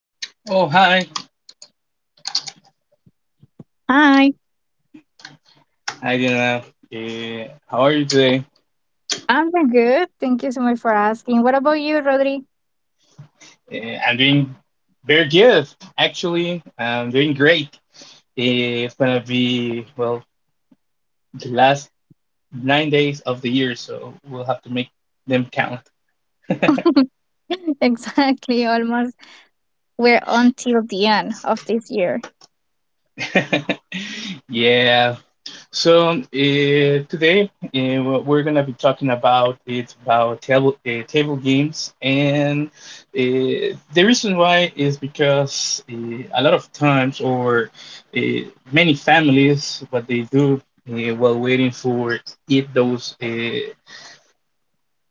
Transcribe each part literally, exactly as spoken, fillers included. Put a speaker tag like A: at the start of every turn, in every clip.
A: Oh, hi.
B: Hi,
A: Hi, Diana. Uh, how are you today?
B: I'm doing good. Thank you so much for asking. What about you, Rodri?
A: Uh, I'm doing very good, actually. I'm doing great. Eh, it's gonna be, well, the last nine days of the year, so we'll have to make them count.
B: Exactly, almost. We're until the end of this year.
A: Yeah. So uh, today uh, what we're gonna be talking about it's about table uh, table games, and uh, the reason why is because uh, a lot of times, or uh, many families, what they do uh, while waiting for eat those. Uh,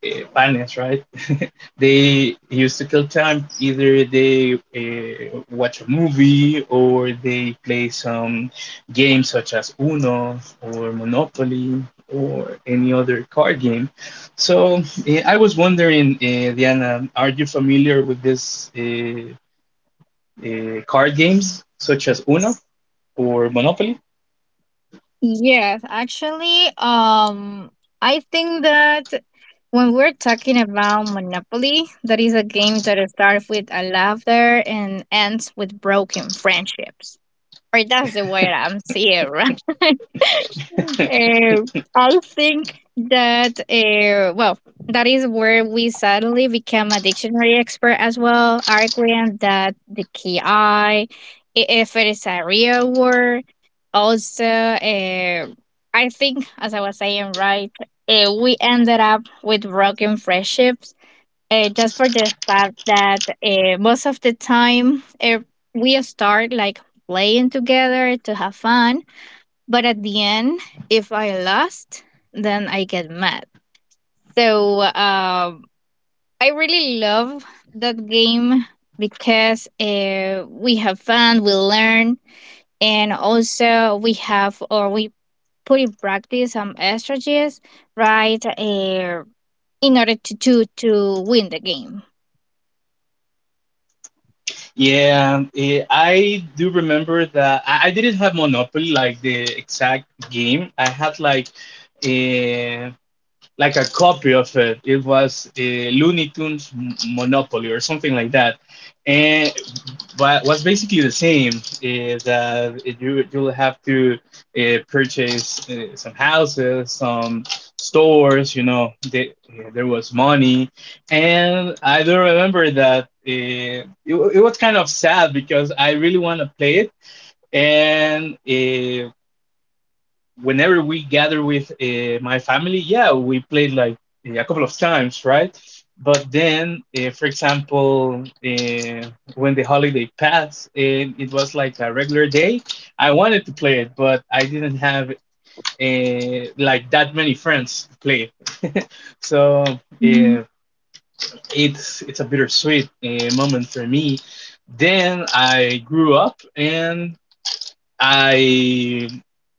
A: uh, Finance, right? They used to kill time. Either they uh, watch a movie or they play some games such as Uno or Monopoly or any other card game. So uh, I was wondering, uh, Diana, are you familiar with this uh, uh, card games such as Uno or Monopoly?
B: Yes, actually, um, I think that when we're talking about Monopoly, that is a game that starts with a laughter and ends with broken friendships, or that's the way I'm seeing, right? uh, I think that uh, well, that is where we suddenly become a dictionary expert as well, arguing that the key I, if it is a real word. Also, uh, I think as I was saying, right, uh, we ended up with broken friendships uh, just for the fact that uh, most of the time uh, we start like playing together to have fun, but at the end if i lost then I get mad. So um, I really love that game because uh, we have fun, we learn, and also we have, or we put in practice some strategies, right, uh, in order to, to to win the game.
A: Yeah, eh, I do remember that I, I didn't have Monopoly like the exact game. I had like a like a copy of it. It was a Looney Tunes M- Monopoly or something like that. But what's basically the same is that you you'll have to uh, purchase uh, some houses, some stores. You know, they, uh, there was money, and I do remember that uh, it, it was kind of sad because I really want to play it, and uh, whenever we gather with uh, my family, yeah, we played like a couple of times, right? But then, uh, for example, uh, when the holiday passed and it was like a regular day, I wanted to play it, but I didn't have uh, like that many friends to play it. So
B: Mhm.
A: uh, it's it's a bittersweet uh, moment for me. Then I grew up and I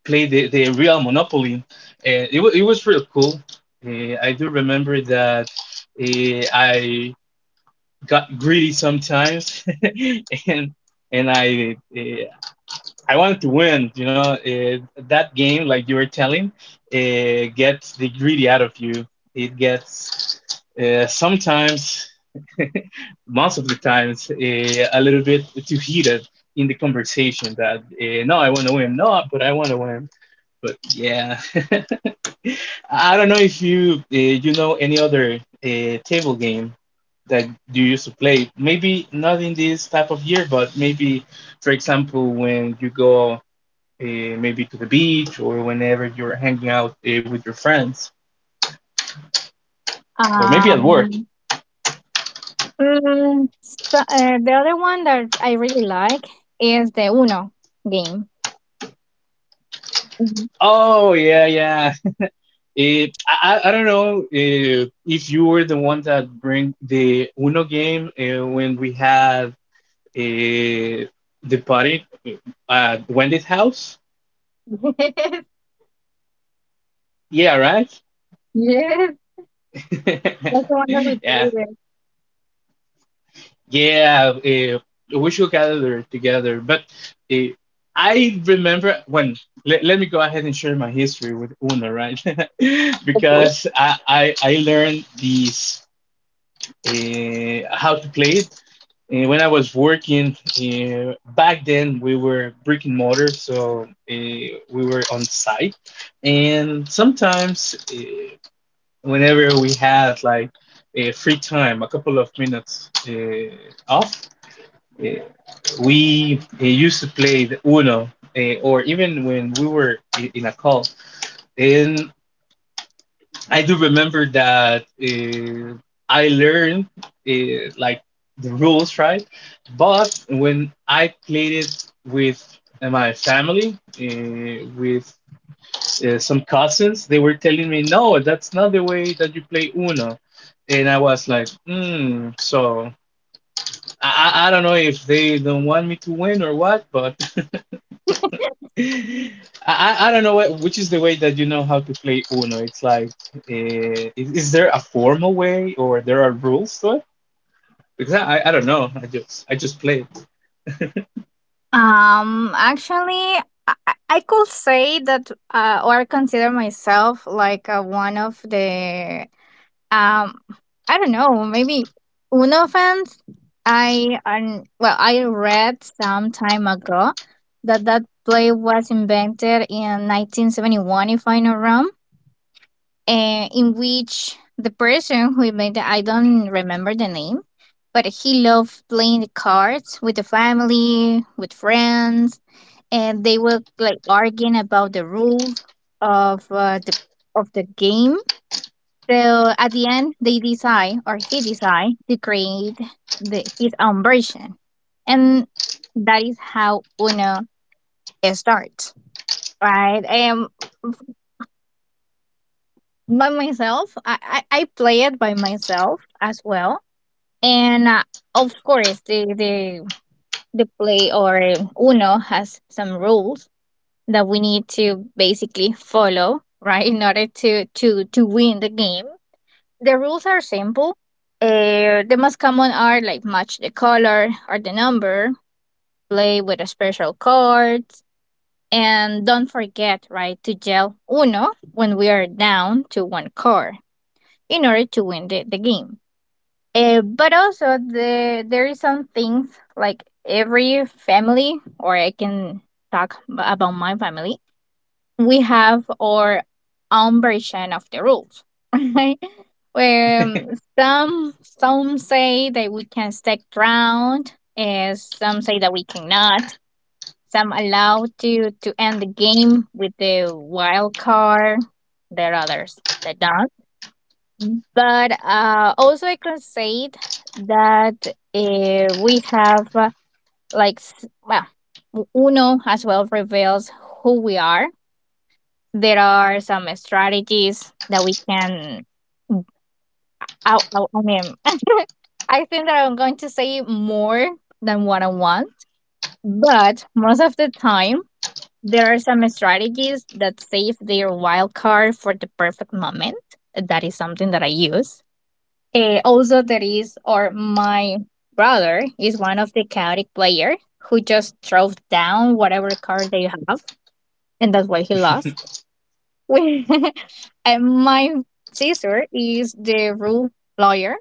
A: played the, the real Monopoly, and it, wa it was real cool. Uh, I do remember that uh, I got greedy sometimes, and and I uh, I wanted to win. You know, uh, that game, like you were telling, uh, gets the greedy out of you. It gets uh, sometimes. Most of the times uh, a little bit too heated in the conversation that uh, no, I want to win. No, but I want to win. But yeah, I don't know if you uh, you know any other uh, table game that you used to play, maybe not in this type of year, but maybe, for example, when you go uh, maybe to the beach, or whenever you're hanging out uh, with your friends, or maybe at work.
B: Um, mm, so, uh, the other one that I really like is the Uno game. Mhm.
A: Oh, yeah, yeah. It, I, I don't know uh, if you were the one that bring the Uno game uh, when we had uh, the party at Wendy's house.
B: Yes,
A: Yeah, right?
B: yes, that's the one that we
A: Yeah,
B: play
A: yeah. Uh, we should gather together. But uh, I remember when, let, let me go ahead and share my history with Uno, right?
B: with.
A: Because I, I, I learned these, uh, how to play it. And when I was working uh, back then, we were brick and mortar, so uh, we were on site. And sometimes, uh, whenever we had like a free time, a couple of minutes uh, off, uh, we uh, used to play the Uno, uh, or even when we were i- in a call. And I do remember that uh, I learned uh, like the rules, right? But when I played it with uh, my family, uh, with uh, some cousins, they were telling me, no, that's not the way that you play Uno. And I was like, hmm, so I, I I don't know if they don't want me to win or what, but I I I don't know what, which is the way that you know how to play Uno. It's like, uh, is, is there a formal way, or there are rules to it? Because I, I I don't know. I just I just play.
B: Um, actually, I, I I could say that, uh, or consider myself like uh, one of the, um, I don't know, maybe Uno fans. I and well, I read some time ago that that play was invented in nineteen seventy-one, if I'm not wrong, uh, in which the person who made the, I don't remember the name, but he loved playing the cards with the family, with friends, and they were like arguing about the rules of uh, the of the game. So at the end, they decide, or he decide to create the, his own version, and that is how Uno starts, right? Um, by myself, I, I I play it by myself as well. And uh, of course, the, the the play or Uno has some rules that we need to basically follow, right, in order to to to win the game. The rules are simple. Uh, the most common are like match the color or the number, play with a special cards, and don't forget, right, to yell Uno when we are down to one card in order to win the, the game. Uh, but also the there is some things like every family, or i can talk b- about my family, we have our own version of the rules. Right, where um, some some say that we can stick around, and some say that we cannot. Some allow to to end the game with the wild card. There are others that don't. But uh, also, I can say that uh, we have uh, like s- well, u- Uno as well reveals who we are. There are some strategies that we can. I, I, I mean, I think that I'm going to say more than what I want, but most of the time, there are some strategies that save their wild card for the perfect moment. That is something that I use. Eh, also, there is, or my brother is one of the chaotic player who just drove down whatever car they have, and that's why he lost. And my sister is the rule lawyer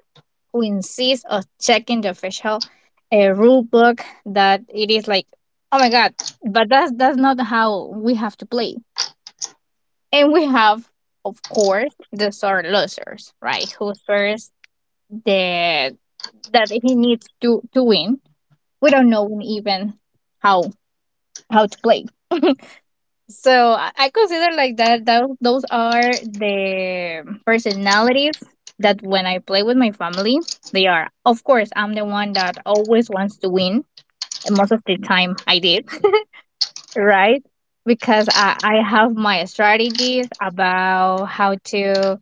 B: who insists on checking the official uh, rule book, that it is like, oh my god, but that's that's not how we have to play. And we have, of course, the sore losers, right? Who swears the that he needs to to win. We don't know even how how to play. So I I consider like that, that those are the personalities that when I play with my family, they are. Of course, I'm the one that always wants to win, and most of the time I did, right? Because I, I have my strategies about how to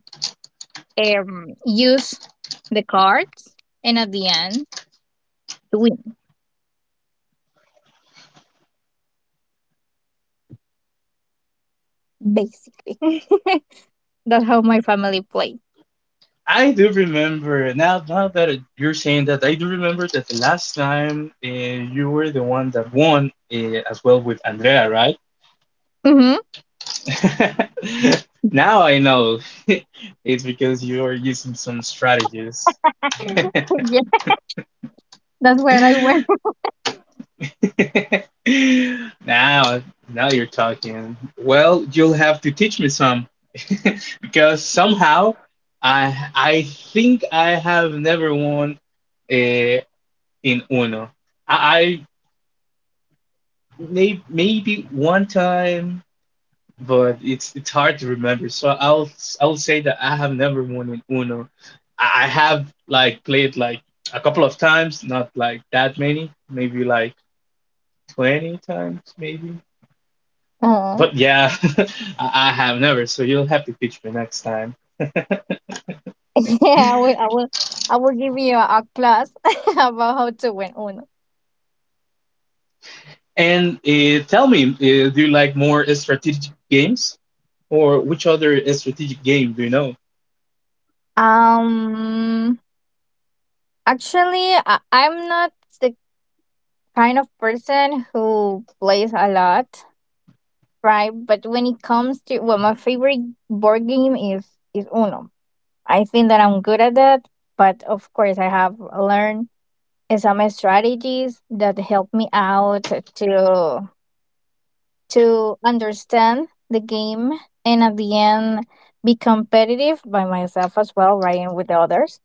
B: um, use the cards, and at the end to win basically. that's how my family played.
A: I do remember now now that you're saying that, I do remember that the last time uh, you were the one that won uh, as well, with Andrea, right?
B: hmm
A: Now I know. It's because you are using some strategies.
B: Yeah, that's where I went.
A: now, now you're talking. Well, you'll have to teach me some, because somehow I I think I have never won uh, in Uno. I, I may, maybe one time, but it's it's hard to remember. So I'll I'll say that I have never won in Uno. I, I have like played like a couple of times, not like that many, maybe like twenty times maybe.
B: Uh,
A: But yeah, I I have never, so you'll have to teach me next time.
B: yeah, I will, I will, I will give you a, a class about how to win Uno.
A: And uh, tell me, uh, do you like more uh, strategic games? Or which other uh, strategic game do you know?
B: Um, Actually, I, I'm not the kind of person who plays a lot, right? But when it comes to, well, my favorite board game is is Uno. I think that I'm good at that, but of course, I have learned some strategies that help me out to to understand the game, and at the end be competitive by myself as well, right, and with the others,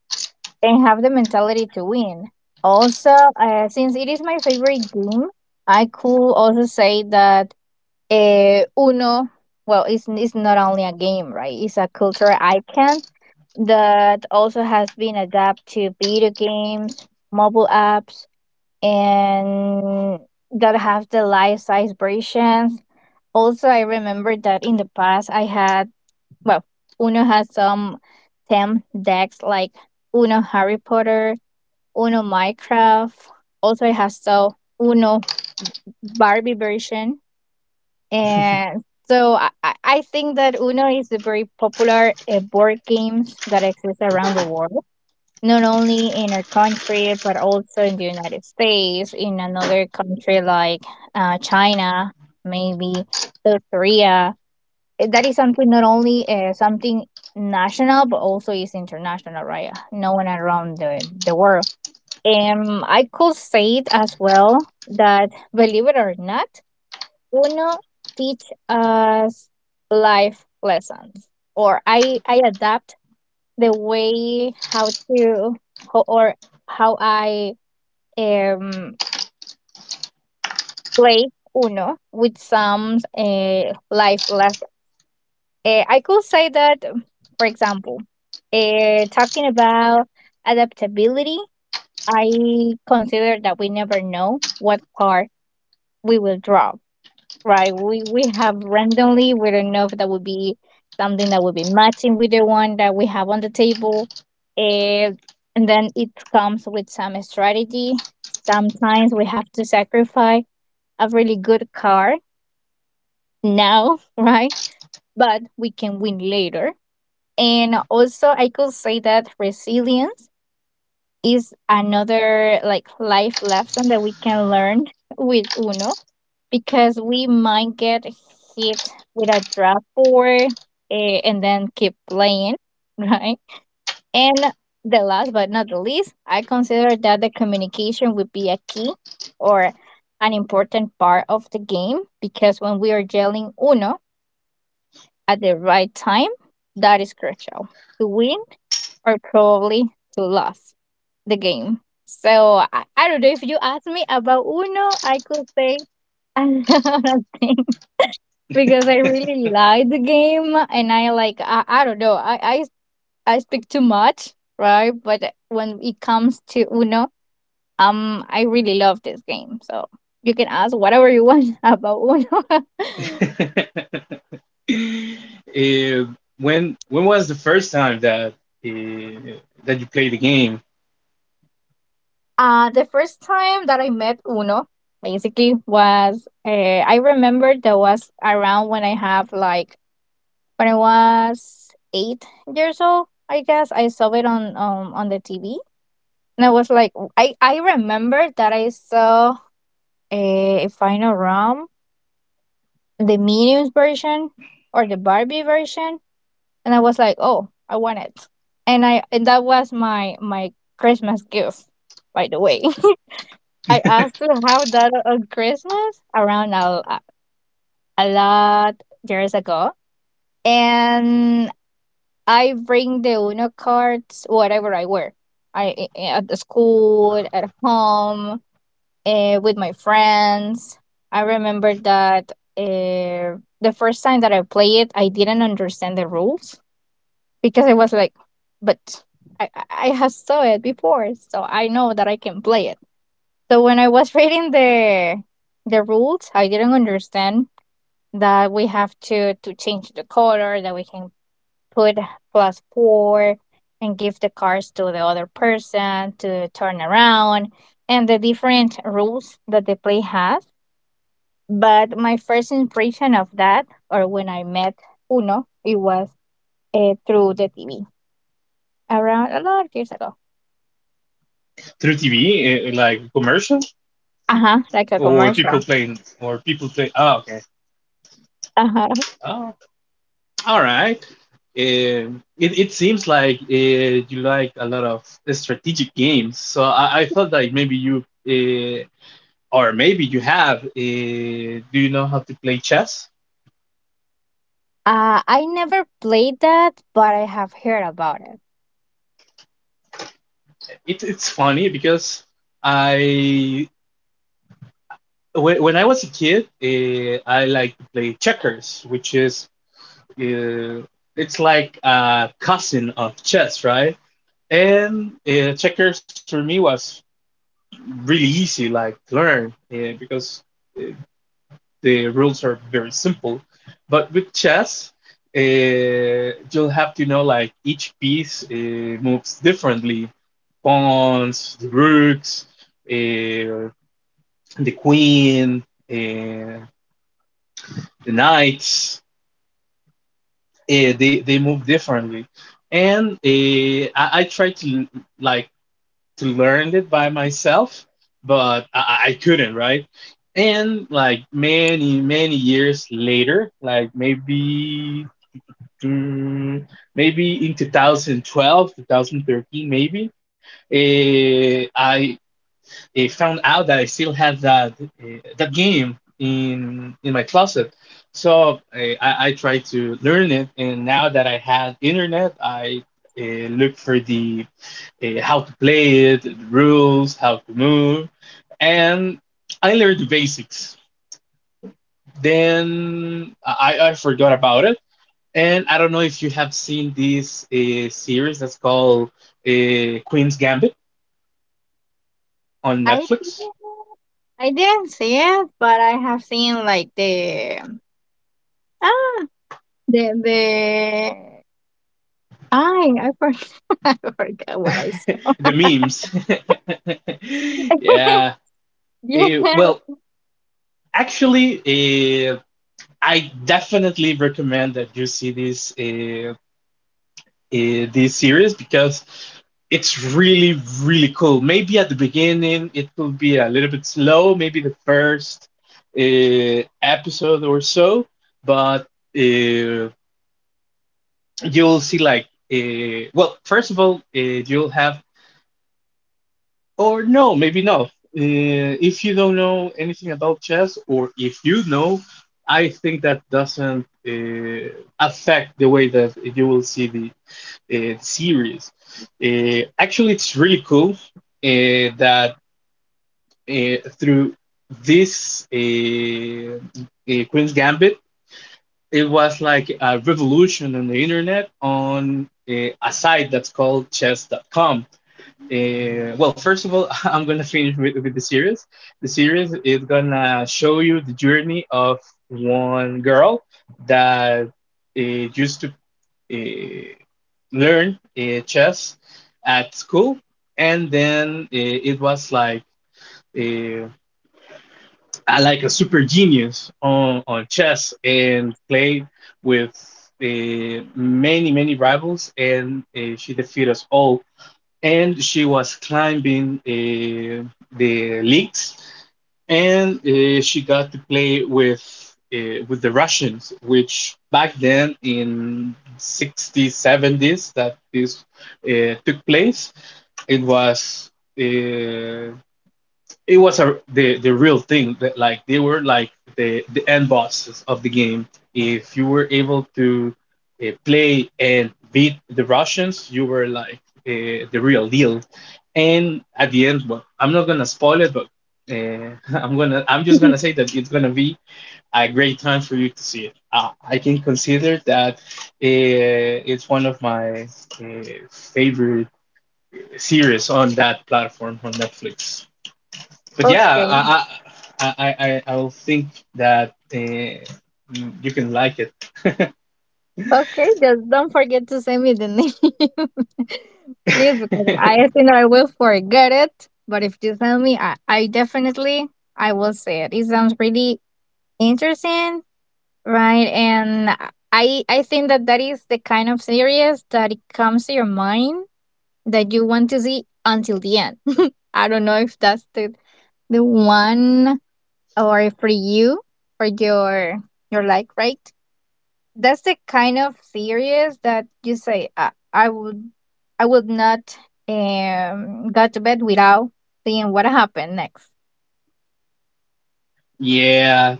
B: and have the mentality to win. Also, uh, since it is my favorite game, i could also say that uh, Uno, well, it's, it's not only a game, right, it's a cultural icon that also has been adapted to video games, mobile apps, and gotta have the life size versions. Also, I remember that in the past I had well, Uno had some theme decks like Uno Harry Potter, Uno Minecraft. Also, I have so Uno Barbie version, and so I, I I think that Uno is a very popular uh, board games that exists around the world, not only in our country but also in the United States, in another country like uh, China, maybe South Korea. Eh, That is something not only uh, something national but also is international, right? Known around the, the world. Um, I could say it as well that believe it or not, Uno teach us life lessons, or I I adapt the way how to ho- or how I um play Uno with some uh, life lessons. Uh, I could say that, um, for example, uh, talking about adaptability, I consider that we never know what card we will draw. Right. We we have randomly. We don't know if that would be something that would be matching with the one that we have on the table. And and then it comes with some strategy. Sometimes we have to sacrifice a really good card now, right? But we can win later. And also I could say that resilience is another like life lesson that we can learn with Uno because we might get hit with a draft board, eh, and then keep playing, right? And the last but not the least, I consider that the communication would be a key or an important part of the game because when we are yelling Uno at the right time, that is crucial to win or probably to lose the game. So I, I don't know, if you ask me about Uno, I could say a lot of things, because I really like the game, and I like, I, I don't know, I, I I speak too much, right, but when it comes to Uno, um I really love this game, so you can ask whatever you want about Uno.
A: Uh, when when was the first time that uh, that you played the game
B: uh the first time that I met Uno basically was uh, I remember that was around when I have like when I was eight years old, I guess. I saw it on um on the T V. And I was like, I, I remember that I saw a Final Rom, the Minions version or the Barbie version, and I was like, oh, I want it. And I and that was my my Christmas gift, by the way. I asked to have that on Christmas around a, a lot years ago, and I bring the Uno cards whatever I wear. I i- at the school, at home, uh, with my friends. I remember that uh, the first time that I played it, I didn't understand the rules because I was like, but I, I I have saw it before, so I know that I can play it. So when I was reading the the rules, I didn't understand that we have to to change the color, that we can put plus four and give the cards to the other person to turn around, and the different rules that the play has. But my first impression of that, or when I met Uno, it was uh, through the T V around a lot of years ago.
A: through T V, uh, like commercial,
B: Uh huh, like a
A: or
B: commercial.
A: people playing, or people play? Oh, okay.
B: Uh huh.
A: Ah, all right. Um, it, it seems like uh, you like a lot of strategic games. So I, I thought, like, maybe you, uh, or maybe you have, uh, do you know how to play chess?
B: Uh, I never played that, but I have heard about it.
A: It, it's funny because I, when, when I was a kid, uh, I like to play checkers, which is, uh, it's like a cousin of chess, right? And uh, checkers for me was really easy, like to learn, uh, because uh, the rules are very simple, but with chess uh, you'll have to know, like, each piece uh, moves differently: pawns, the rooks, uh, the queen, uh, the knights, uh, they, they move differently. And uh, I, I try to, like, to learn it by myself, but I, I couldn't, right? And like many, many years later, like maybe mm, maybe in twenty twelve, two thousand thirteen, maybe, eh, I eh, found out that I still had that eh, that game in in my closet. So eh, I, I tried to learn it, and now that I had internet, I uh, look for the eh, how to play it, the rules, how to move, and I learned the basics. Then I, I forgot about it, and I don't know if you have seen this uh, series that's called uh, Queen's Gambit on
B: I
A: Netflix.
B: didn't, I didn't see it, but I have seen like the ah the the I I forgot, I forgot what I saw.
A: The memes. Yeah. Eh,
B: Yeah.
A: well, actually, uh, I definitely recommend that you see this uh, uh, this series because it's really really cool. Maybe at the beginning it will be a little bit slow, maybe the first uh, episode or so, but uh, you'll see, like, uh, well, first of all, uh, you'll have, or no, maybe not. Uh, if you don't know anything about chess, or if you know, I think that doesn't uh, affect the way that you will see the uh, series. Uh, actually, it's really cool uh, that uh, through this uh, uh, Queen's Gambit, it was like a revolution on the internet, on uh, a site that's called chess dot com. Uh, well, first of all, I'm gonna finish with, with the series. The series is gonna show you the journey of one girl that uh, used to uh, learn uh, chess at school, and then uh, it was like uh, I like a super genius on on chess, and played with uh, many many rivals, and uh, she defeated us all, and she was climbing uh, the leagues, and uh, she got to play with uh, with the Russians, which back then in sixties, seventies that this uh, took place, it was uh, it was a the the real thing, that like they were like the the end bosses of the game. If you were able to uh, play and beat the Russians, you were like uh, the real deal. And at the end, well, I'm not gonna spoil it, but uh, I'm gonna I'm just gonna say that it's gonna be a great time for you to see it. Uh, I can consider that uh, it's one of my uh, favorite series on that platform, on Netflix, but yeah,
B: okay.
A: I I I I I'll think that uh, mm, you can like it.
B: Okay, just don't forget to send me the name, please, because I think I will forget it. But if you tell me, I, I definitely I will say it. It sounds pretty interesting, right? And I I think that that is the kind of series that it comes to your mind that you want to see until the end. I don't know if that's the the one, or for you or your your like, right? That's the kind of series that you say I, I would I would not um go to bed without seeing what happened next.
A: Yeah,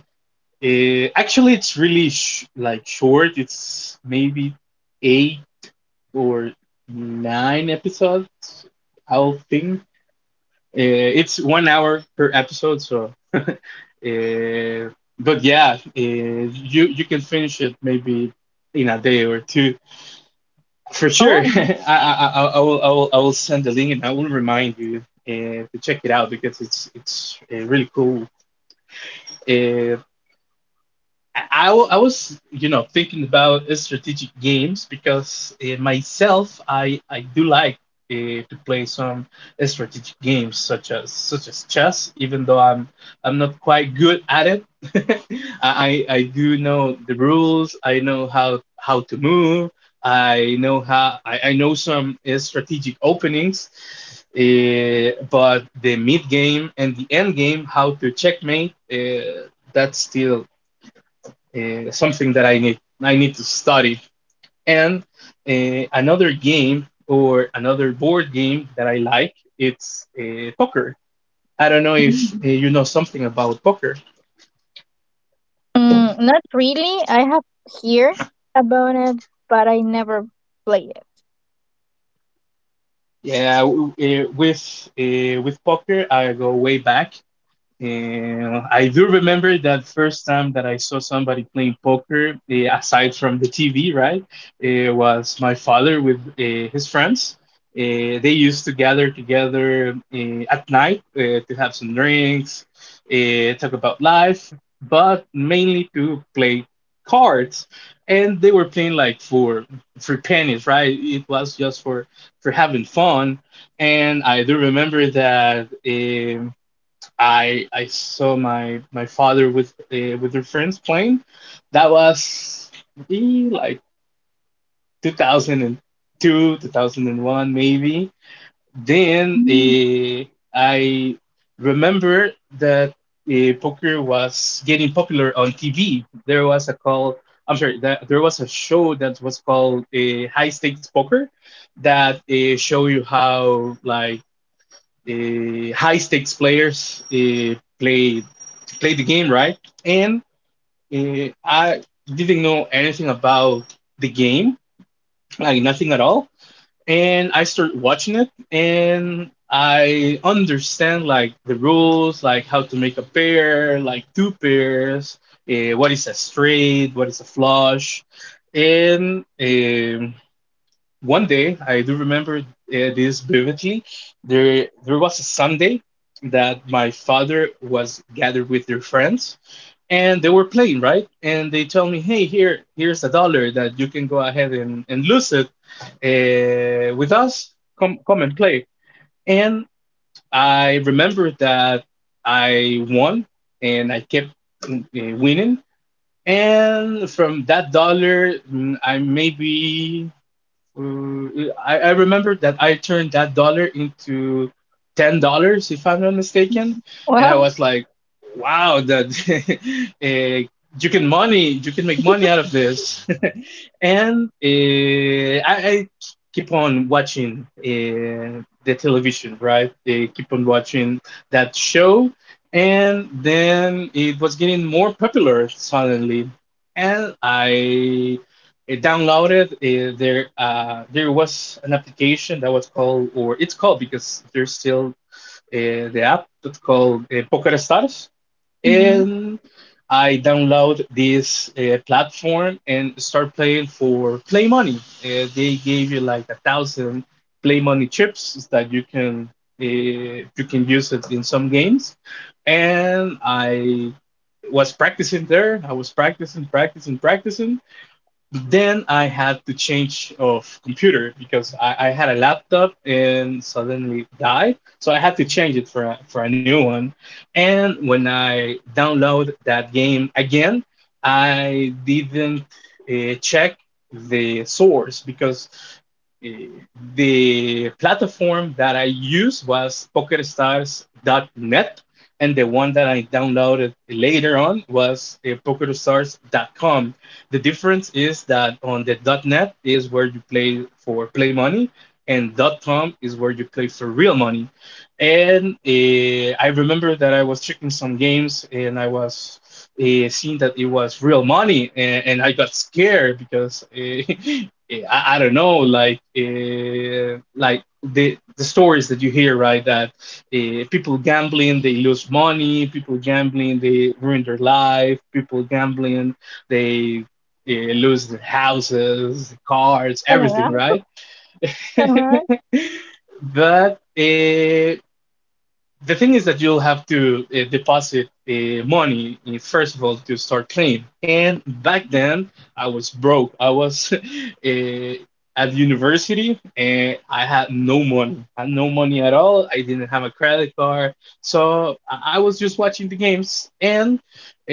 A: uh, actually, it's really sh like short. It's maybe eight or nine episodes, I'll think. Uh, it's one hour per episode, so uh, but yeah, uh, you you can finish it maybe in a day or two. For sure,
B: Oh.
A: I, I, I, I will I will I will send the link, and I will remind you uh, to check it out because it's it's uh, really cool. Uh, I, I w- I was, you know, thinking about strategic games because uh, myself, I, I do like uh, to play some strategic games such as such as chess. Even though I'm I'm not quite good at it, I, I I do know the rules. I know how how to move. I know how I, I know some uh, strategic openings, uh, but the mid game and the end game, how to checkmate. Uh, that's still uh, something that I need I need to study. And uh, another game or another board game that I like, it's uh, poker. I don't know if
B: Mm.
A: uh, you know something about poker.
B: Mm, not really. I have heard about it, but I never play it.
A: Yeah, w- uh, with uh, with poker I go way back. And I do remember that first time that I saw somebody playing poker, eh, aside from the T V, right? It was my father with eh, his friends. Eh, they used to gather together eh, at night eh, to have some drinks, eh, talk about life, but mainly to play cards. And they were playing like for for pennies, right? It was just for for having fun. And I do remember that. eh, I I saw my my father with uh, with their friends playing. That was maybe like two thousand two, two thousand one maybe. Then
B: Mm.
A: uh, I remember that uh, poker was getting popular on T V. There was a call. I'm sorry. That there was a show that was called uh, High Stakes Poker, that uh, show you how like uh, high stakes players uh, play play the game, right? And uh, I didn't know anything about the game, like nothing at all. And I started watching it, and I understand like the rules, like how to make a pair, like two pairs, uh, what is a straight, what is a flush, and um, one day I do remember uh, this vividly. There, there was a Sunday that my father was gathered with their friends, and they were playing, right? And they told me, "Hey, here, here's a dollar that you can go ahead and, and lose it uh, with us. Come, come and play." And I remember that I won, and I kept uh, winning. And from that dollar, mm, I maybe Mm, I, I remember that I turned that dollar into ten dollars, if I'm not mistaken, and I
B: Well,
A: was like, wow, that eh, you can money, you can make money out of this. And uh, I, I keep on watching uh, the television, right? They keep on watching that show, and then it was getting more popular suddenly. And I it downloaded uh, there uh, there was an application that was called, or it's called because there's still uh, the app, that's called uh, poker stars.
B: mm-hmm.
A: And I download this uh, platform and start playing for play money. Uh, they gave you like a thousand play money chips that you can uh, you can use it in some games. And I was practicing there. I was practicing practicing practicing. But then I had to change of computer because I, I had a laptop and suddenly died. So I had to change it for a, for a new one. And when I download that game again, I didn't uh, check the source because uh, the platform that I used was poker stars dot net, and the one that I downloaded later on was uh, poker stars dot com. The difference is that on the .net is where you play for play money, and .com is where you play for real money. And uh, I remember that I was checking some games, and I was uh, seeing that it was real money, and, and I got scared because uh, I, I don't know, like uh, like the the stories that you hear, right? That uh, people gambling they lose money, people gambling they ruin their life, people gambling they uh, lose their houses, cars,
B: Oh,
A: everything,
B: wow.
A: right?
B: Uh huh,
A: But uh, the thing is that you'll have to uh, deposit uh, money uh, first of all to start playing. And back then, I was broke. I was uh, at university, and I had no money. I had no money at all. I didn't have a credit card, so I I was just watching the games. And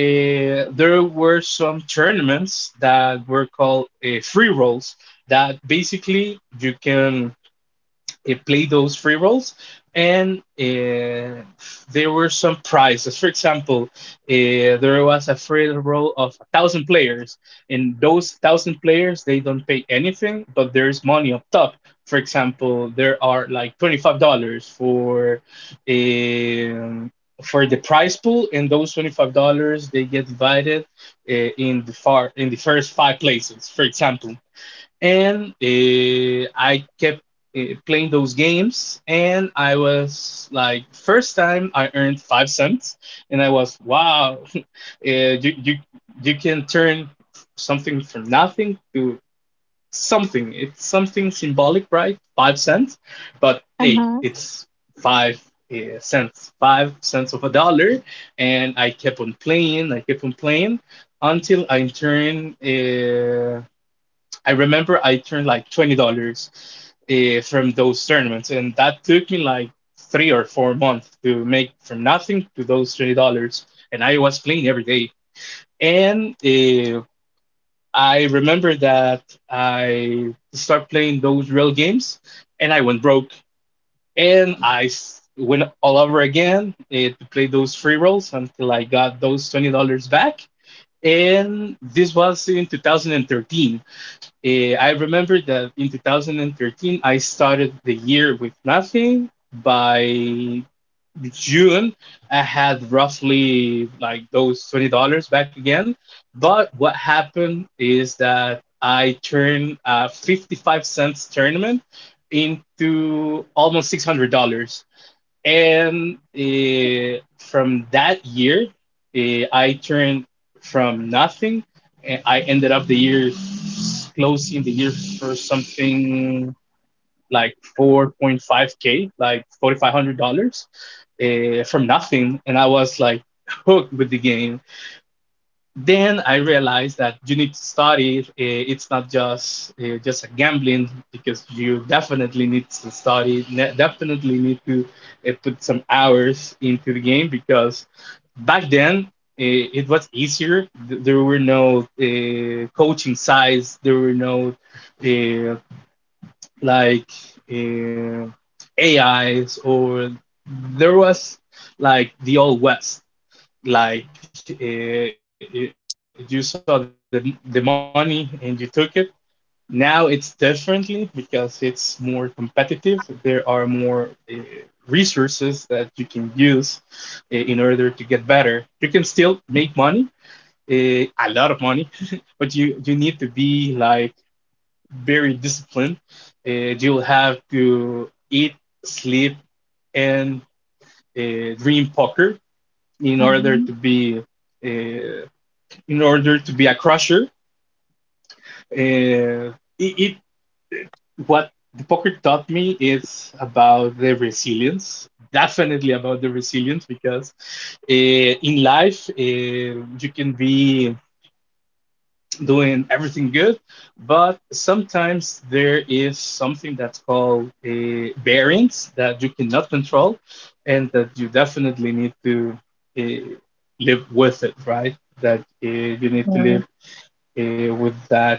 A: uh, there were some tournaments that were called uh, free rolls. That basically you can uh, play those free rolls. And uh, there were some prizes. For example, uh, there was a free roll of a thousand players, and those thousand players they don't pay anything, but there's money up top. For example, there are like twenty five dollars for um, for the prize pool, and those twenty five dollars they get divided uh, in the far in the first five places. For example, and uh, I kept uh, playing those games, and I was like, first time I earned five cents, and I was wow, uh, you you you can turn something from nothing to something. It's something symbolic, right? Five cents, but
B: uh
A: hey,
B: huh.
A: it's five uh, cents, five cents of a dollar. And I kept on playing, I kept on playing until I turned. Uh, I remember I turned like twenty dollars uh, from those tournaments, and that took me like three or four months to make from nothing to those twenty dollars, and I was playing every day. And uh, I remember that I started playing those real games, and I went broke, and I went all over again uh, to play those free rolls until I got those twenty dollars back. And this was in two thousand thirteen. Eh, I remember that in two thousand thirteen, I started the year with nothing. By June, I had roughly like those twenty dollars back again. But what happened is that I turned a fifty-five cents tournament into almost six hundred dollars. And uh, from that year, uh, I turned from nothing. And I ended up the year, closing the year for something like four point five k, like forty-five hundred dollars uh, from nothing. And I was like hooked with the game. Then I realized that you need to study. Uh, It's not just uh, just a gambling because you definitely need to study. Definitely need to uh, put some hours into the game because back then uh, it was easier. Th- There were no uh, coaching sites. There were no uh, like uh, A Is. Or there was like the old west, like uh, uh, you saw the the money and you took it. Now it's differently because it's more competitive. There are more uh, resources that you can use uh, in order to get better. You can still make money, uh, a lot of money, but you you need to be like very disciplined. Uh, you'll have to eat, sleep, and uh, dream poker in order
B: Mhm.
A: to be uh, in order to be a crusher. Uh, it, it What the poker taught me is about the resilience. Definitely about the resilience because uh, in life uh, you can be doing everything good, but sometimes there is something that's called a variance that you cannot control, and that you definitely need to uh, live with it, right? That uh, you need to live uh, with that,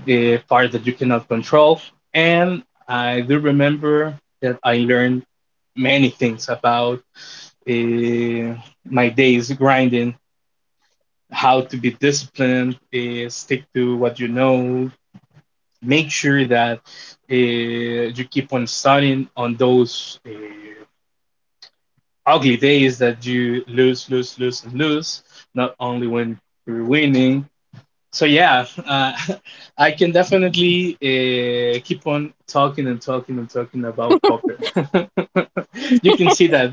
A: the part that you cannot control. And I do remember that I learned many things about uh, my days grinding, how to be disciplined, uh, stick to what you know, make sure that uh, you keep on studying on those uh, ugly days that you lose, lose, lose, and lose, not only when you're winning. So yeah, uh, I can definitely uh, keep on talking and talking and talking about poker. You can see that uh,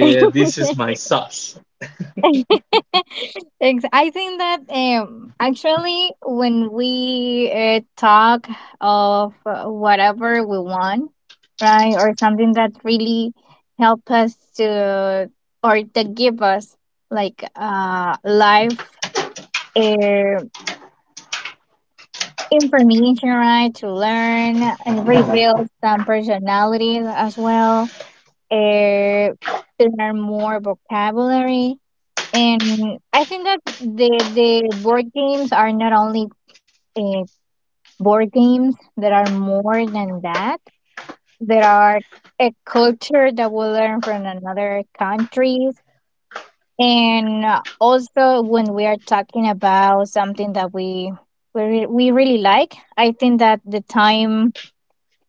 B: Yeah.
A: this is my sauce.
B: Ex- I think that um, actually, when we uh, talk of uh, whatever we want, right, or something that really help us to or that give us like uh life uh, information, right, to learn and reveal some personalities as well, uh, to learn more vocabulary. And I think that the the board games are not only uh, board games. There are more than that. There are a culture that we learn from another countries, and uh, also when we are talking about something that we we re- we really like, I think that the time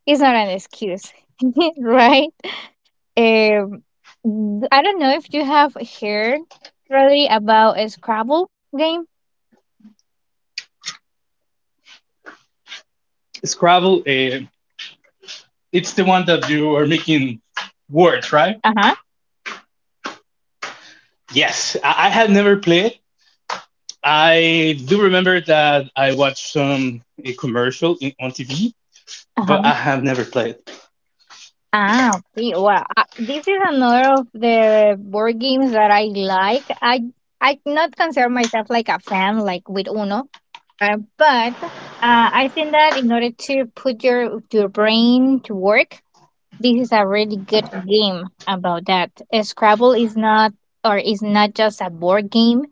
B: is not an excuse, right? Um, I don't know if you have heard really about a Scrabble game.
A: Scrabble, uh, it's the one that you are making words, right?
B: Uh huh.
A: Yes, I, I had never played. I do remember that I watched some a commercial in, on T V,
B: Uh huh.
A: but I have never played.
B: Ah, okay. Well, uh, this is another of the board games that I like. I I not consider myself like a fan, like with Uno, uh, but uh, I think that in order to put your your brain to work, this is a really good game about that. Uh, Scrabble is not or is not just a board game.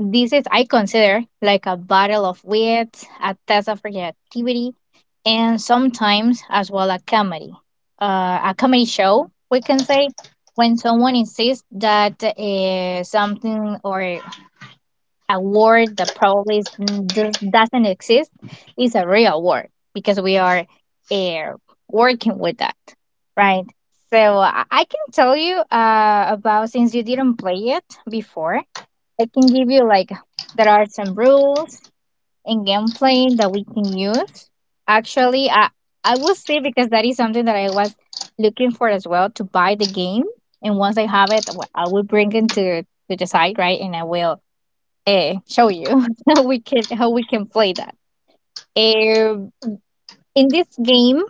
B: This is I consider like a battle of wits, a test of creativity, and sometimes as well a comedy, uh, a comedy show, we can say, when someone insists that uh, something or a word that probably is- mm, does- doesn't exist is a real word, because we are uh, working with that, right? So I I can tell you uh, about since you didn't play it before, I can give you like there are some rules in gameplay that we can use. Actually, I I will see, because that is something that I was looking for as well to buy the game. And once I have it, w- I will bring it to, to the site, right? And I will uh, show you how we can how we can play that. Um, in this game,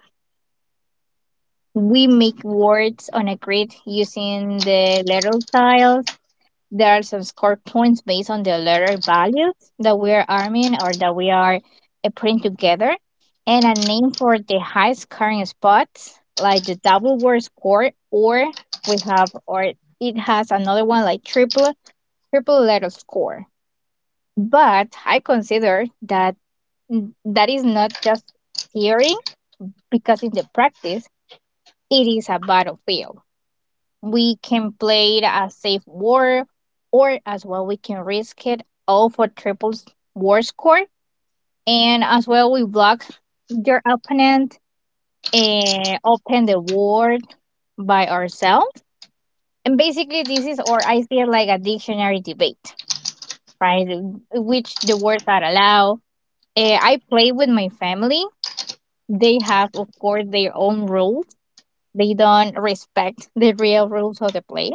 B: we make words on a grid using the letter tiles. There are some score points based on the letter values that we are arming or that we are uh, putting together, and a name for the high scoring spots, like the double word score, or we have, or it has another one like triple triple letter score. But I consider that mm, that is not just theory, because in the practice, it is a battlefield. We can play it as safe war, or as well we can risk it all for triple s- war score. And as well we block their opponent and open the war by ourselves. And basically this is or I feel like a dictionary debate, right? Which the words are allowed. Eh, I play with my family. They have of course their own rules. They don't respect the real rules of the play,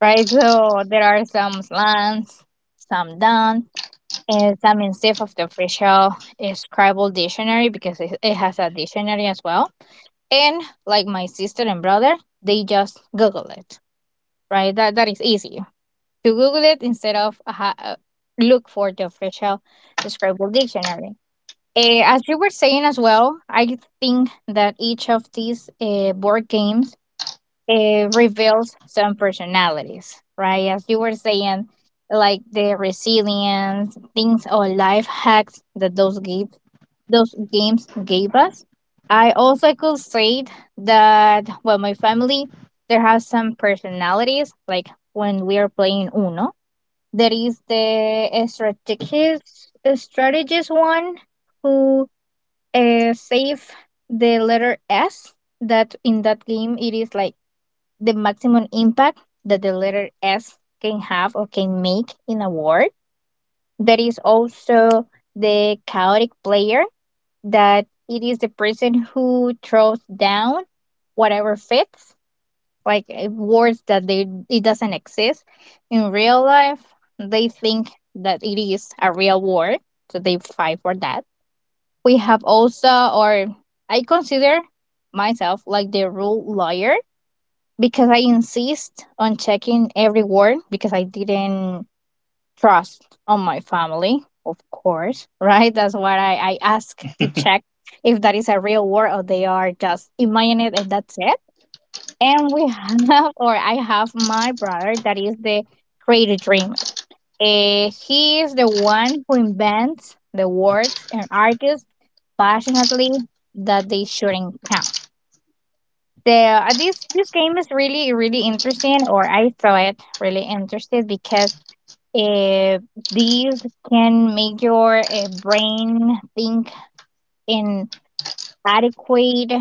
B: right? So there are some slants, some don't, and some instead of the official uh, Scribble dictionary, because it, it has a dictionary as well. And like my sister and brother, they just Google it, right? That that is easy to Google it instead of uh, ha- uh, look for the official Scribble dictionary. Eh, as you were saying as well, I think that each of these uh, board games it reveals some personalities, right? As you were saying, like the resilience, things or life hacks that those gave, those games gave us. I also could say that well, my family there has some personalities. Like when we are playing Uno, there is the uh, strategist, uh, strategist one who uh, save the letter S. That in that game it is like the maximum impact that the letter S can have or can make in a word. There is also the chaotic player, that it is the person who throws down whatever fits, like uh, words that they it doesn't exist in real life. They think that it is a real word, so they fight for that. We have also, or I consider myself like the rule lawyer, because I insist on checking every word, because I didn't trust on my family, of course, right? That's why I, I ask to check if that is a real word or they are just imagine it and that's it. And we have, or I have my brother that is the creative dreamer. Eh, he is the one who invents the words and argues passionately that they shouldn't count. The uh, this this game is really really interesting, or I saw it really interested, because uh, these can make your uh, brain think in adequate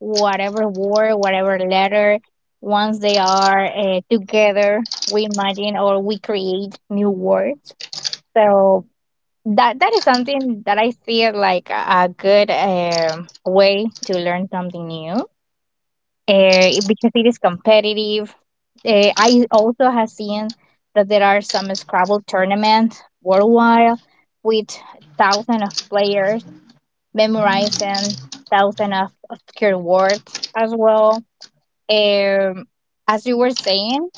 B: whatever word whatever letter. Once they are uh, together, we imagine or we create new words, so that that is something that I feel like a a good um, way to learn something new, uh, because it is competitive. Uh, I also have seen that there are some Scrabble tournaments worldwide, with thousands of players memorizing thousands of, of keywords as well. Um, as you were saying,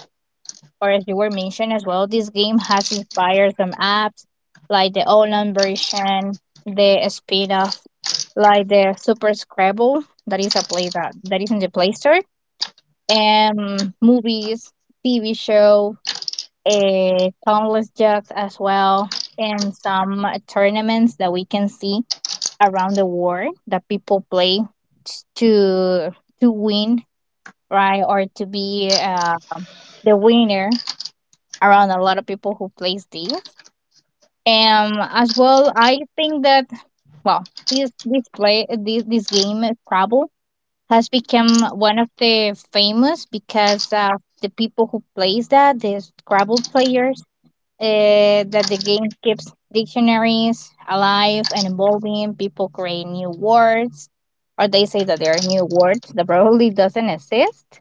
B: or as you were mentioning as well, this game has inspired some apps like the online version, the spin-off, like the Super Scrabble that is a play that, that is in the Play Store, and movies, T V show, uh, countless jokes as well, and some uh, tournaments that we can see around the world that people play t- to to win, right, or to be uh, the winner around a lot of people who plays these. And as well, I think that well, this this play this this game is Scrabble, has become one of the famous, because uh, the people who plays that, the Scrabble players, uh, that the game keeps dictionaries alive and evolving. People create new words, or they say that there are new words that probably doesn't exist.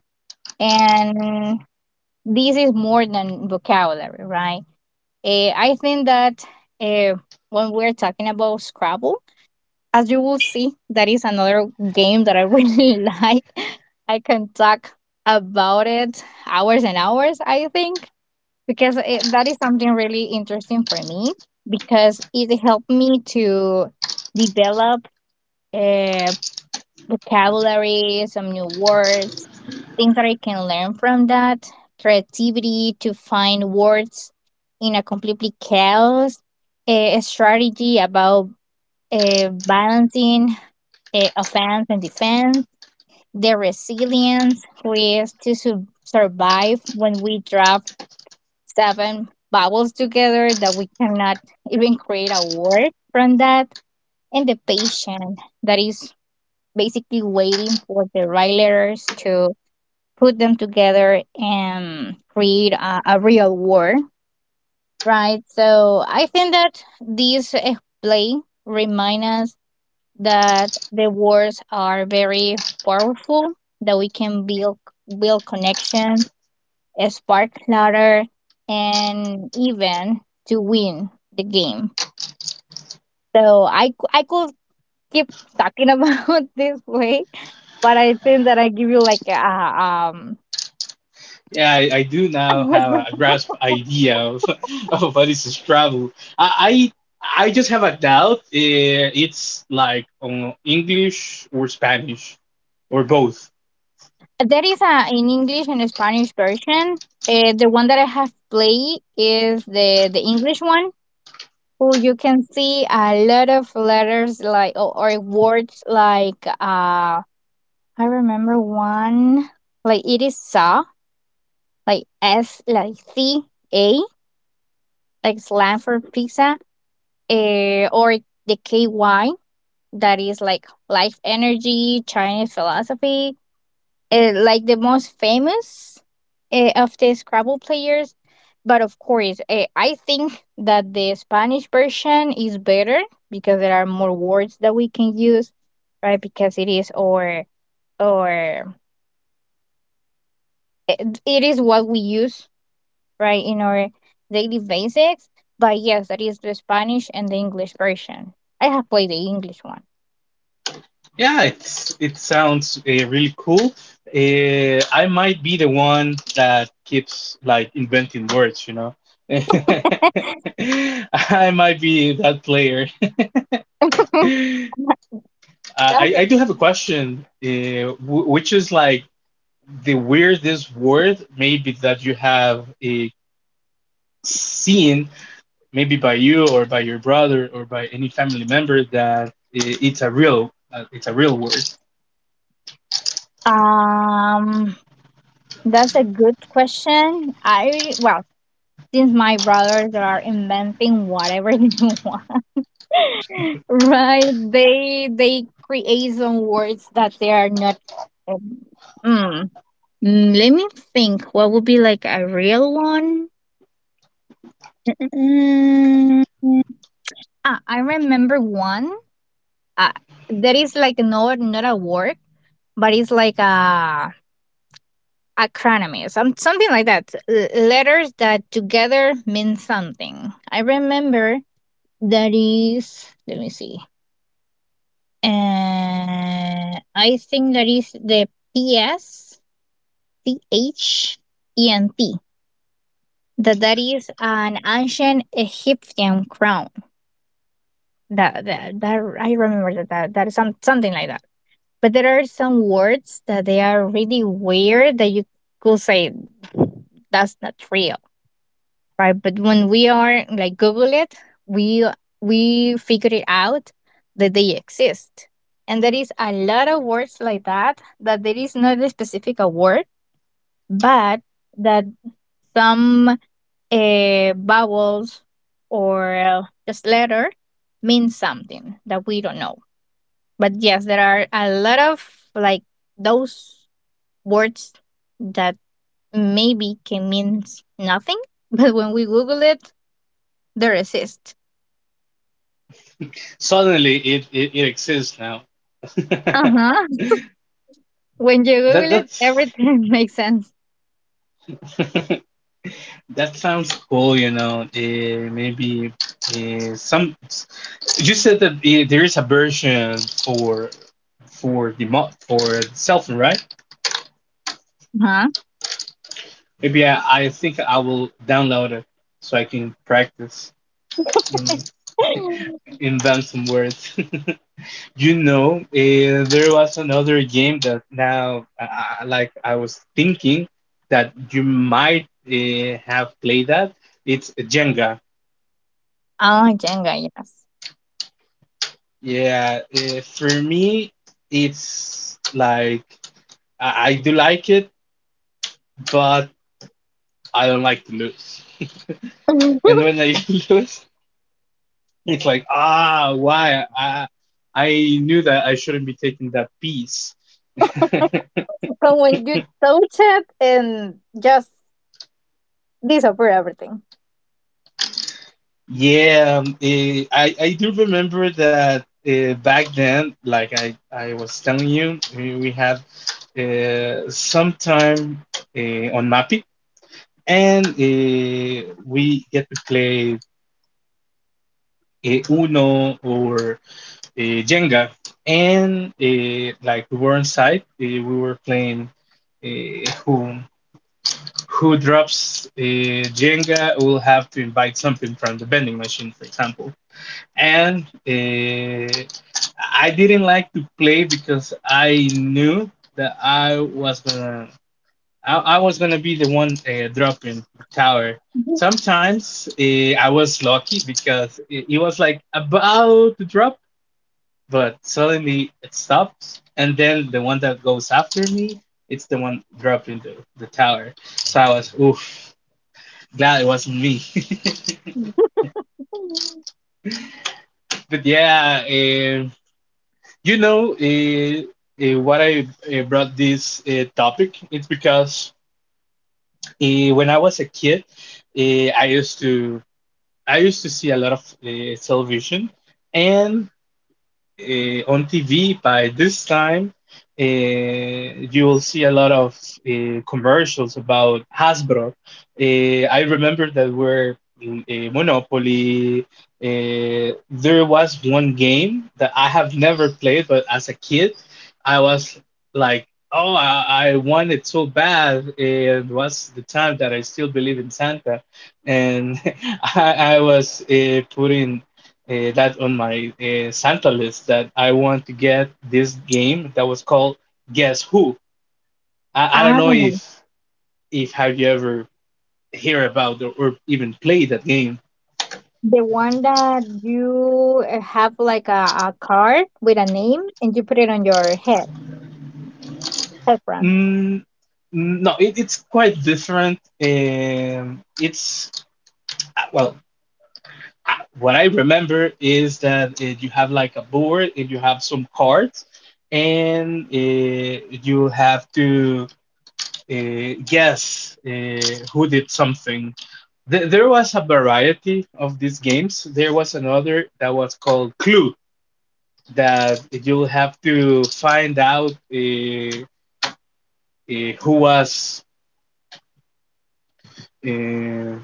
B: And this is more than vocabulary, right? Uh, I think that uh, when we're talking about Scrabble, as you will see, that is another game that I really like. I can talk about it hours and hours, I think, because it, that is something really interesting for me, because it helped me to develop a vocabulary, some new words, things that I can learn from that, creativity to find words in a completely chaos, a, a strategy about uh, balancing eh, offense and defense, the resilience we have to su- survive when we drop seven bubbles together that we cannot even create a word from that, and the patient that is basically waiting for the right letters to put them together and create a, a real word, right? So I think that this eh, play remind us that the words are very powerful, that we can build build connection, eh, spark ladder, and even to win the game. So I c- I could keep talking about this way, but I think that I give you like a um.
A: Yeah, I, I do now have a grasp idea of, of what is Scrabble. I, I I just have a doubt. eh, It's like on English or Spanish or both.
B: There is a in English and a Spanish version. Uh, the one that I have played is the the English one. Oh, you can see a lot of letters like or, or words like uh I remember one like it is sa like S like C A like slang for pizza, uh, or the K Y that is like life energy Chinese philosophy, uh, like the most famous uh, of the Scrabble players. But of course, uh, I think that the Spanish version is better, because there are more words that we can use, right? Because it is or or it it is what we use, right, in our daily basics. But yes, that is the Spanish and the English version. I have played the English one.
A: Yeah, it's it sounds uh, really cool. Uh, I might be the one that keeps like inventing words, you know. I might be that player. Uh, I
B: That's
A: I do
B: a-
A: have a question, uh, w which is like, the weirdest word maybe that you have a seen, maybe by you or by your brother or by any family member, that eh, it's a real uh, it's a real word.
B: um, that's a good question. I Well, since my brothers are inventing whatever they want, right? They they create some words that they are not. um, Mm. Mm, Let me think. What would be like a real one? Mm. Ah, I remember one. Uh, that is like not not a word, but it's like a acronym, some something like that. L- letters that together mean something. I remember that is. Let me see. Uh, I think that is the P S T H E N T. That that is an ancient Egyptian crown. That that, that I remember that, that that is some, something like that. But there are some words that they are really weird that you could say that's not real, right? But when we are like Google it, we we figure it out that they exist, and there is a lot of words like that that there is not a specific a word, but that some uh, vowels or uh, just letter means something that we don't know. But yes, there are a lot of like those words that maybe can mean nothing, but when we Google it, they exist.
A: Suddenly it it, it exists now. That
B: Uh-huh. When you Google it,
A: that's
B: everything makes sense.
A: that sounds cool you know uh, Maybe uh, some you said that uh, there is a version for for the mod for cell phone, right?
B: Uh-huh.
A: Maybe I, I think I will download it so I can practice and invent some words. you know, uh, there was another game that now, uh, uh, like I was thinking that you might uh, have played that. It's Jenga.
B: Oh, Jenga, yes.
A: Yeah, uh, for me, it's like I, I do like it, but I don't like to lose.
B: but
A: And when I lose, it's like, ah, why? I, I knew that I shouldn't be taking that piece.
B: when you touch it and just disappear everything.
A: Yeah, um, eh, I I do remember that uh, back then, like I I was telling you, we, we had uh, some time uh, on Mappy, and uh, we get to play uh, Uno or uh, Jenga, and uh, like we were inside, uh, we were playing uh, who who drops uh, Jenga will have to invite something from the vending machine, for example. And uh, I didn't like to play because I knew that I was gonna I, I was gonna be the one uh, dropping the tower. Sometimes uh, I was lucky because it, it was like about to drop, but suddenly it stops, and then the one that goes after me, it's the one dropping the, the tower. So I was oof, glad it wasn't me. But yeah, eh, you know, eh, eh, what I eh, brought this eh, topic? It's because eh, when I was a kid, eh, I used to I used to see a lot of eh, television, and uh, on T V by this time, uh, you will see a lot of uh, commercials about Hasbro. Uh, I remember that were uh, Monopoly. Uh, there was one game that I have never played, but as a kid, I was like, "Oh, I, I want it so bad." It was the time that I still believe in Santa, and I, I was uh, putting uh, that's on my uh, Santa list, that I want to get this game that was called Guess Who. I, I don't
B: Ah,
A: know if if have you ever hear about or, or even played that game.
B: the one that you uh, have like a, a card with a name and you put it on your head, headband.
A: Mm, mm, no, it, it's quite different. Um, it's well, what I remember is that uh, you have like a board and you have some cards, and uh, you have to Uh, yes, uh, who did something? Th- there was a variety of these games. There was another that was called Clue, that you'll have to find out uh, uh, who was uh,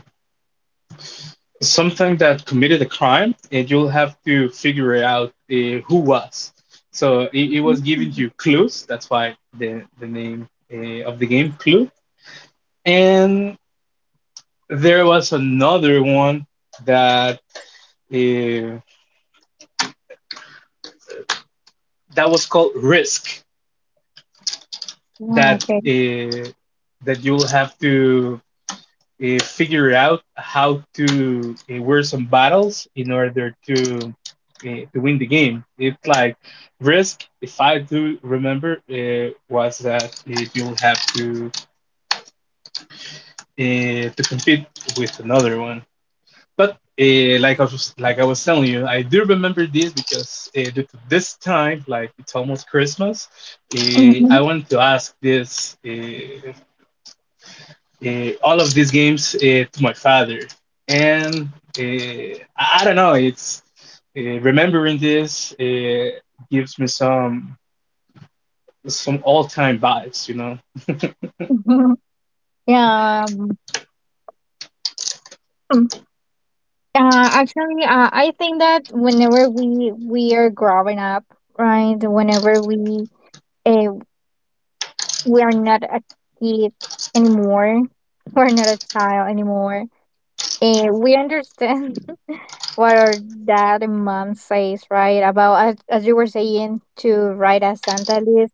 A: something that committed a crime, and you'll have to figure out uh, who was. So it, it was giving
B: Mm.
A: you clues. That's why the the name uh, of the game Clue. And there was another one that uh, that was called Risk,
B: Yeah,
A: that
B: okay.
A: uh, that you'll have to uh, figure out how to uh, wear some battles in order to uh, to win the game. It's like Risk, if I do remember, uh, was that uh, you'll have to uh, to compete with another one. But uh, like I was just, like I was telling you, I do remember this because uh, due to this time, like it's almost Christmas. Uh, I
B: Mhm.
A: wanted to ask this uh, uh, all of these games uh, to my father, and uh, I, I don't know. It's uh, remembering this uh, gives me some some all time vibes. You know,
B: yeah. um, Uh, actually, uh, I think that whenever we we are growing up, right? Whenever we uh, we are not a kid anymore, we're not a child anymore. Uh, we understand what our dad and mom says, right? About, as, as you were saying, to write a Santa list,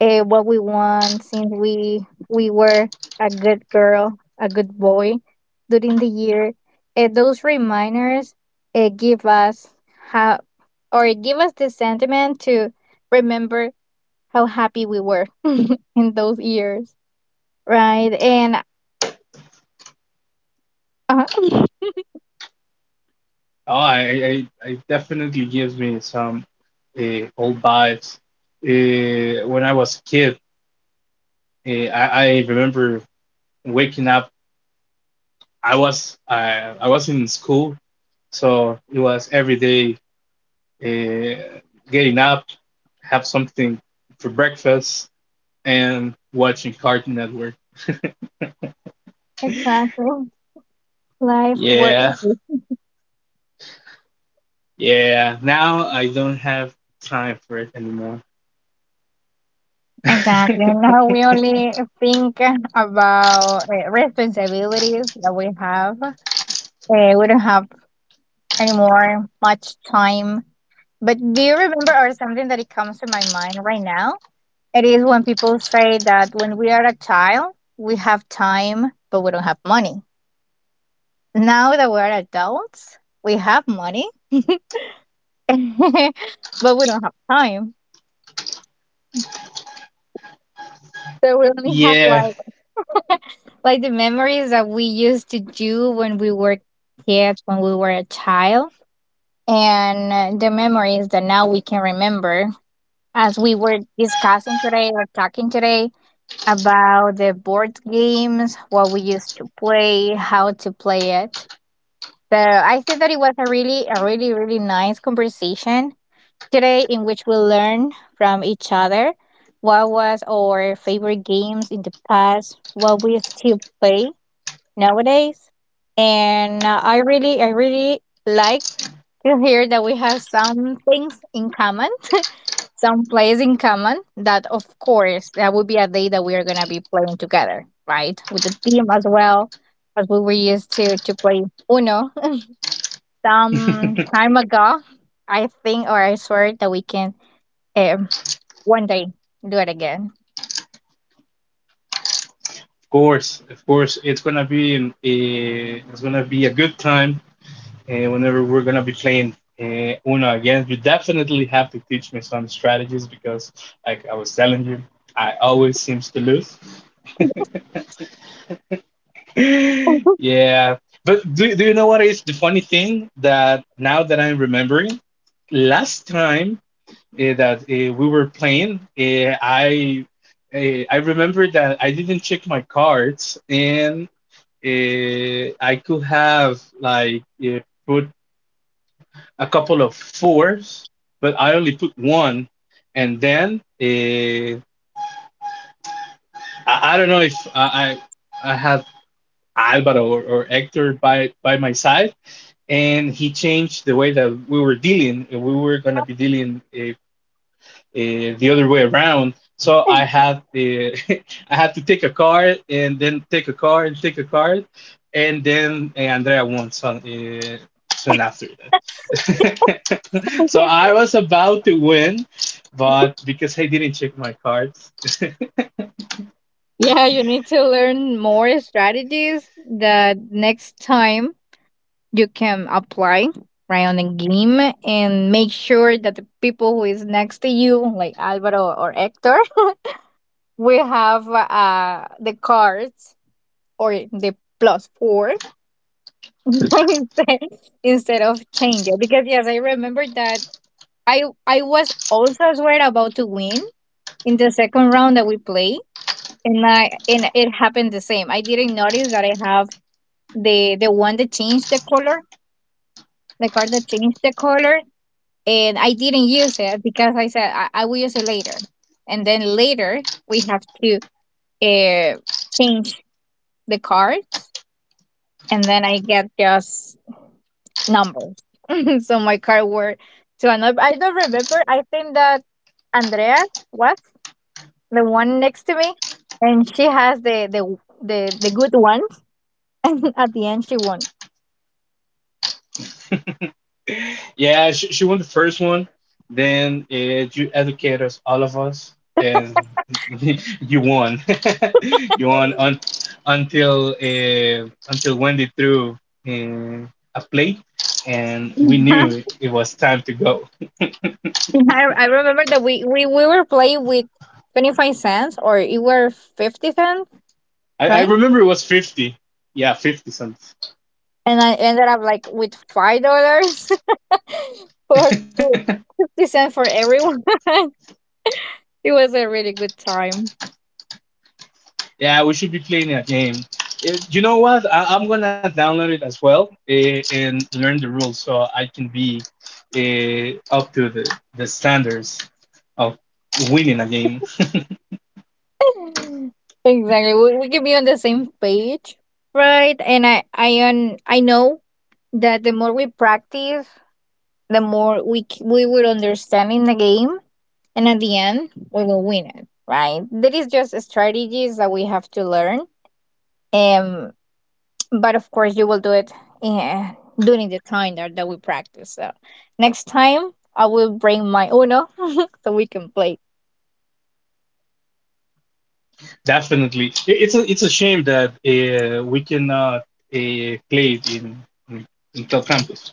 B: eh, what we want since we we were a good girl, a good boy during the year. Eh, those reminders eh, give us how, or give us the sentiment to remember how happy we were in those years, right? And uh,
A: oh, I, I I definitely gives me some uh, old vibes. Uh, when I was a kid, eh, I, I remember waking up. I was uh, I was in school, so it was every day uh, getting up, have something for breakfast, and watching Cartoon Network.
B: exactly, life work.
A: Yeah, yeah. Now I don't have time for it anymore.
B: Exactly. Now we only think about uh, responsibilities that we have. Uh, we don't have anymore, much time. But do you remember, or something that it comes to my mind right now? It is when people say that when we are a child, we have time, but we don't have money. Now that we're adults, we have money, but we don't have time. So we only have
A: Yeah,
B: like, like the memories that we used to do when we were kids, when we were a child, and uh, the memories that now we can remember, as we were discussing today or talking today, about the board games, what we used to play, how to play it. So I think that it was a really, a really, really nice conversation today, in which we learned from each other what was our favorite games in the past, what we still play nowadays. And uh, I really, I really like to hear that we have some things in common, some plays in common. That of course, that would be a day that we are going to be playing together, right, with the team as well, as we were used to to play Uno some
A: of
B: time ago. I think, or I swear, that we can um, one day do it again.
A: course, of course. It's gonna be an, a it's gonna be a good time uh, whenever we're gonna be playing uh, Uno again. You definitely have to teach me some strategies because, like I was telling you, I always seems to lose. Yeah, but do do you know what is the funny thing? That now that I'm remembering, last time uh, that uh, we were playing, uh, I uh, I remember that I didn't check my cards and uh, I could have like uh, put a couple of fours, but I only put one. And then uh, I, I don't know if I I, I had Alvaro or, or Hector by by my side, and he changed the way that we were dealing. We were gonna be dealing uh, uh, the other way around. So I had the I had to take a card and then take a card and take a card, and then uh, Andrea won so, uh, soon after that. So I was about to win, but because I didn't check my cards,
B: yeah, you need to learn more strategies, that next time you can apply right on the game, and make sure that the people who is next to you, like Alvaro or Hector, we have uh, the cards, or the plus four, instead instead of change it. Because yes, I remember that I I was also as well about to win in the second round that we play, and I and it happened the same. I didn't notice that I have the the one that changed the color, the card that changed the color, and I didn't use it because, like I said, I, I will use it later. And then later we have to uh, change the cards, and then I get just numbers. so my card were to another. I don't remember. I think that Andrea was the one next to me, and she has the the the, the good ones. And at the end, she won.
A: yeah, she, she won the first one. Then uh, you educated us, all of us, and you won. You won un until uh, until Wendy threw uh, a plate, and we
B: I,
A: knew it was time to go.
B: I remember that we, we, we were playing with twenty-five cents, or it were fifty cents,
A: I, I
B: right?
A: remember it was fifty. Yeah, fifty cents.
B: And I ended up like with five dollars, for two- fifty cent for everyone. it was a really good time.
A: Yeah, we should be playing a game. It, you know what? I, I'm gonna download it as well uh, and learn the rules so I can be uh, up to the, the standards of winning a game.
B: exactly, we, we can be on the same page, right? And I I un, I know that the more we practice, the more we c- we will understand in the game, and at the end we will win it, right? That is just strategies that we have to learn. Um, but of course you will do it in, during the time that, that we practice, so next time I will bring my Uno so we can play.
A: Definitely. It- it's a it's a shame that uh, we cannot uh, play it in in, in Cal Campus.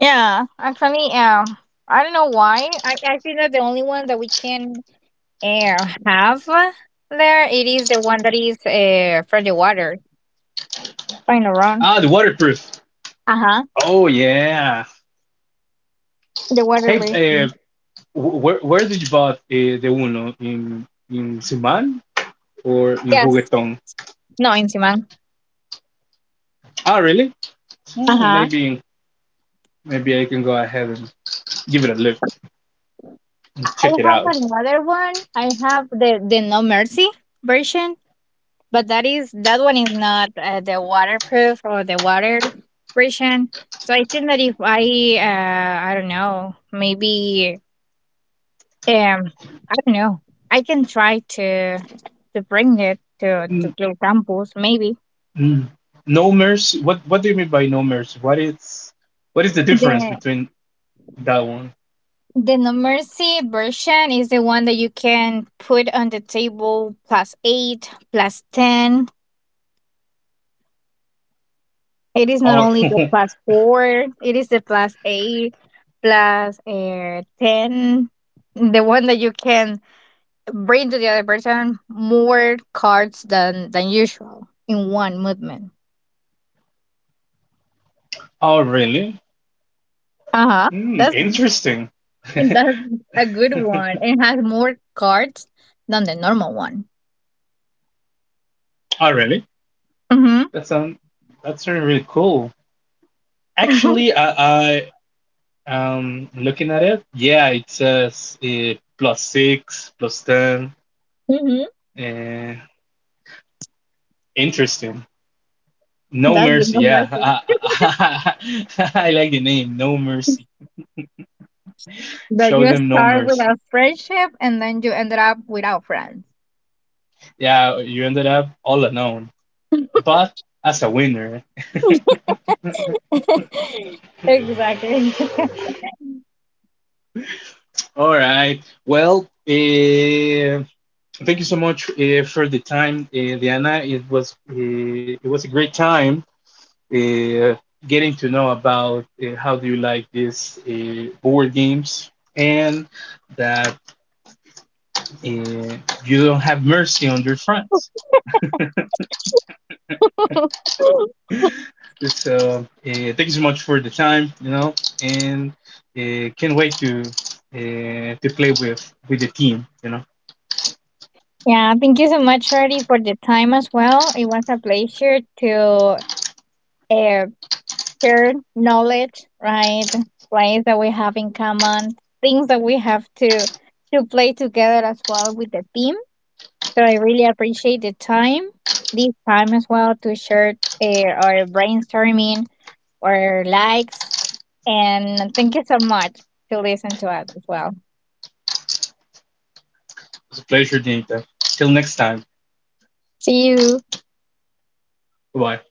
B: Yeah, actually, um I don't know why i, I think that the only one that we can uh, have there, it is the one that is uh, from the water, kind of wrong.
A: Ah, the waterproof.
B: Uh-huh.
A: Oh yeah.
B: The water
A: Hey,
B: break.
A: uh, wh- where where did you bought uh, the Uno in in Siman or in
B: Yes.
A: Juguetón?
B: No. In Siman.
A: Ah, really? Hmm,
B: Uh-huh.
A: maybe maybe I can go ahead and give it a look
B: I
A: and
B: I
A: check it
B: have
A: out.
B: another one. I have the the No Mercy version, but that is that one is not uh, the waterproof or the water version. So I think that if I uh, I don't know, maybe, um I don't know, I can try to to bring it to
A: Mm,
B: to Clear Campus. Maybe
A: mm. No mercy. What what do you mean by no mercy? What is what is the difference
B: the
A: between that one?
B: the No Mercy version is the one that you can put on the table, plus eight, plus ten. It is not
A: Oh
B: only the plus four, it is the plus eight, plus uh, ten. The one that you can bring to the other person more cards than, than usual in one movement.
A: oh really?
B: Uh huh.
A: Mm,
B: That's,
A: interesting.
B: that's a good one. It has more cards than the normal one.
A: Oh really?
B: Mm hmm.
A: That sound that sounds really cool. Actually, I I um looking at it. Yeah, it says uh, plus six, plus ten.
B: mm-hmm.
A: Uh, Interesting. No
B: That's the
A: Mercy,
B: normal
A: yeah.
B: thing.
A: I, I, I like the name, No Mercy.
B: That
A: Show
B: you
A: them no
B: start with
A: mercy.
B: a friendship and then you ended up without friends.
A: Yeah, you ended up all alone, but as a winner.
B: exactly.
A: All right. Well, eh, thank you so much eh, for the time, eh, Diana. It was eh, it was a great time eh, getting to know about eh, how do you like these eh, board games and that eh, you don't have mercy on your friends. It's uh, eh, thank you so much for the time, you know, and uh, can't wait to uh, to play with with the team, you know.
B: Yeah, thank you so much, Shorty, for the time as well. It was a pleasure to uh, share knowledge, right? Plays that we have in common, things that we have to to play together as well with the team. So I really appreciate the time, this time as well, to share uh, our brainstorming, our likes, and thank you so much to listen to us as well.
A: It's a pleasure, Danita. Till next time.
B: See you.
A: Bye. Bye.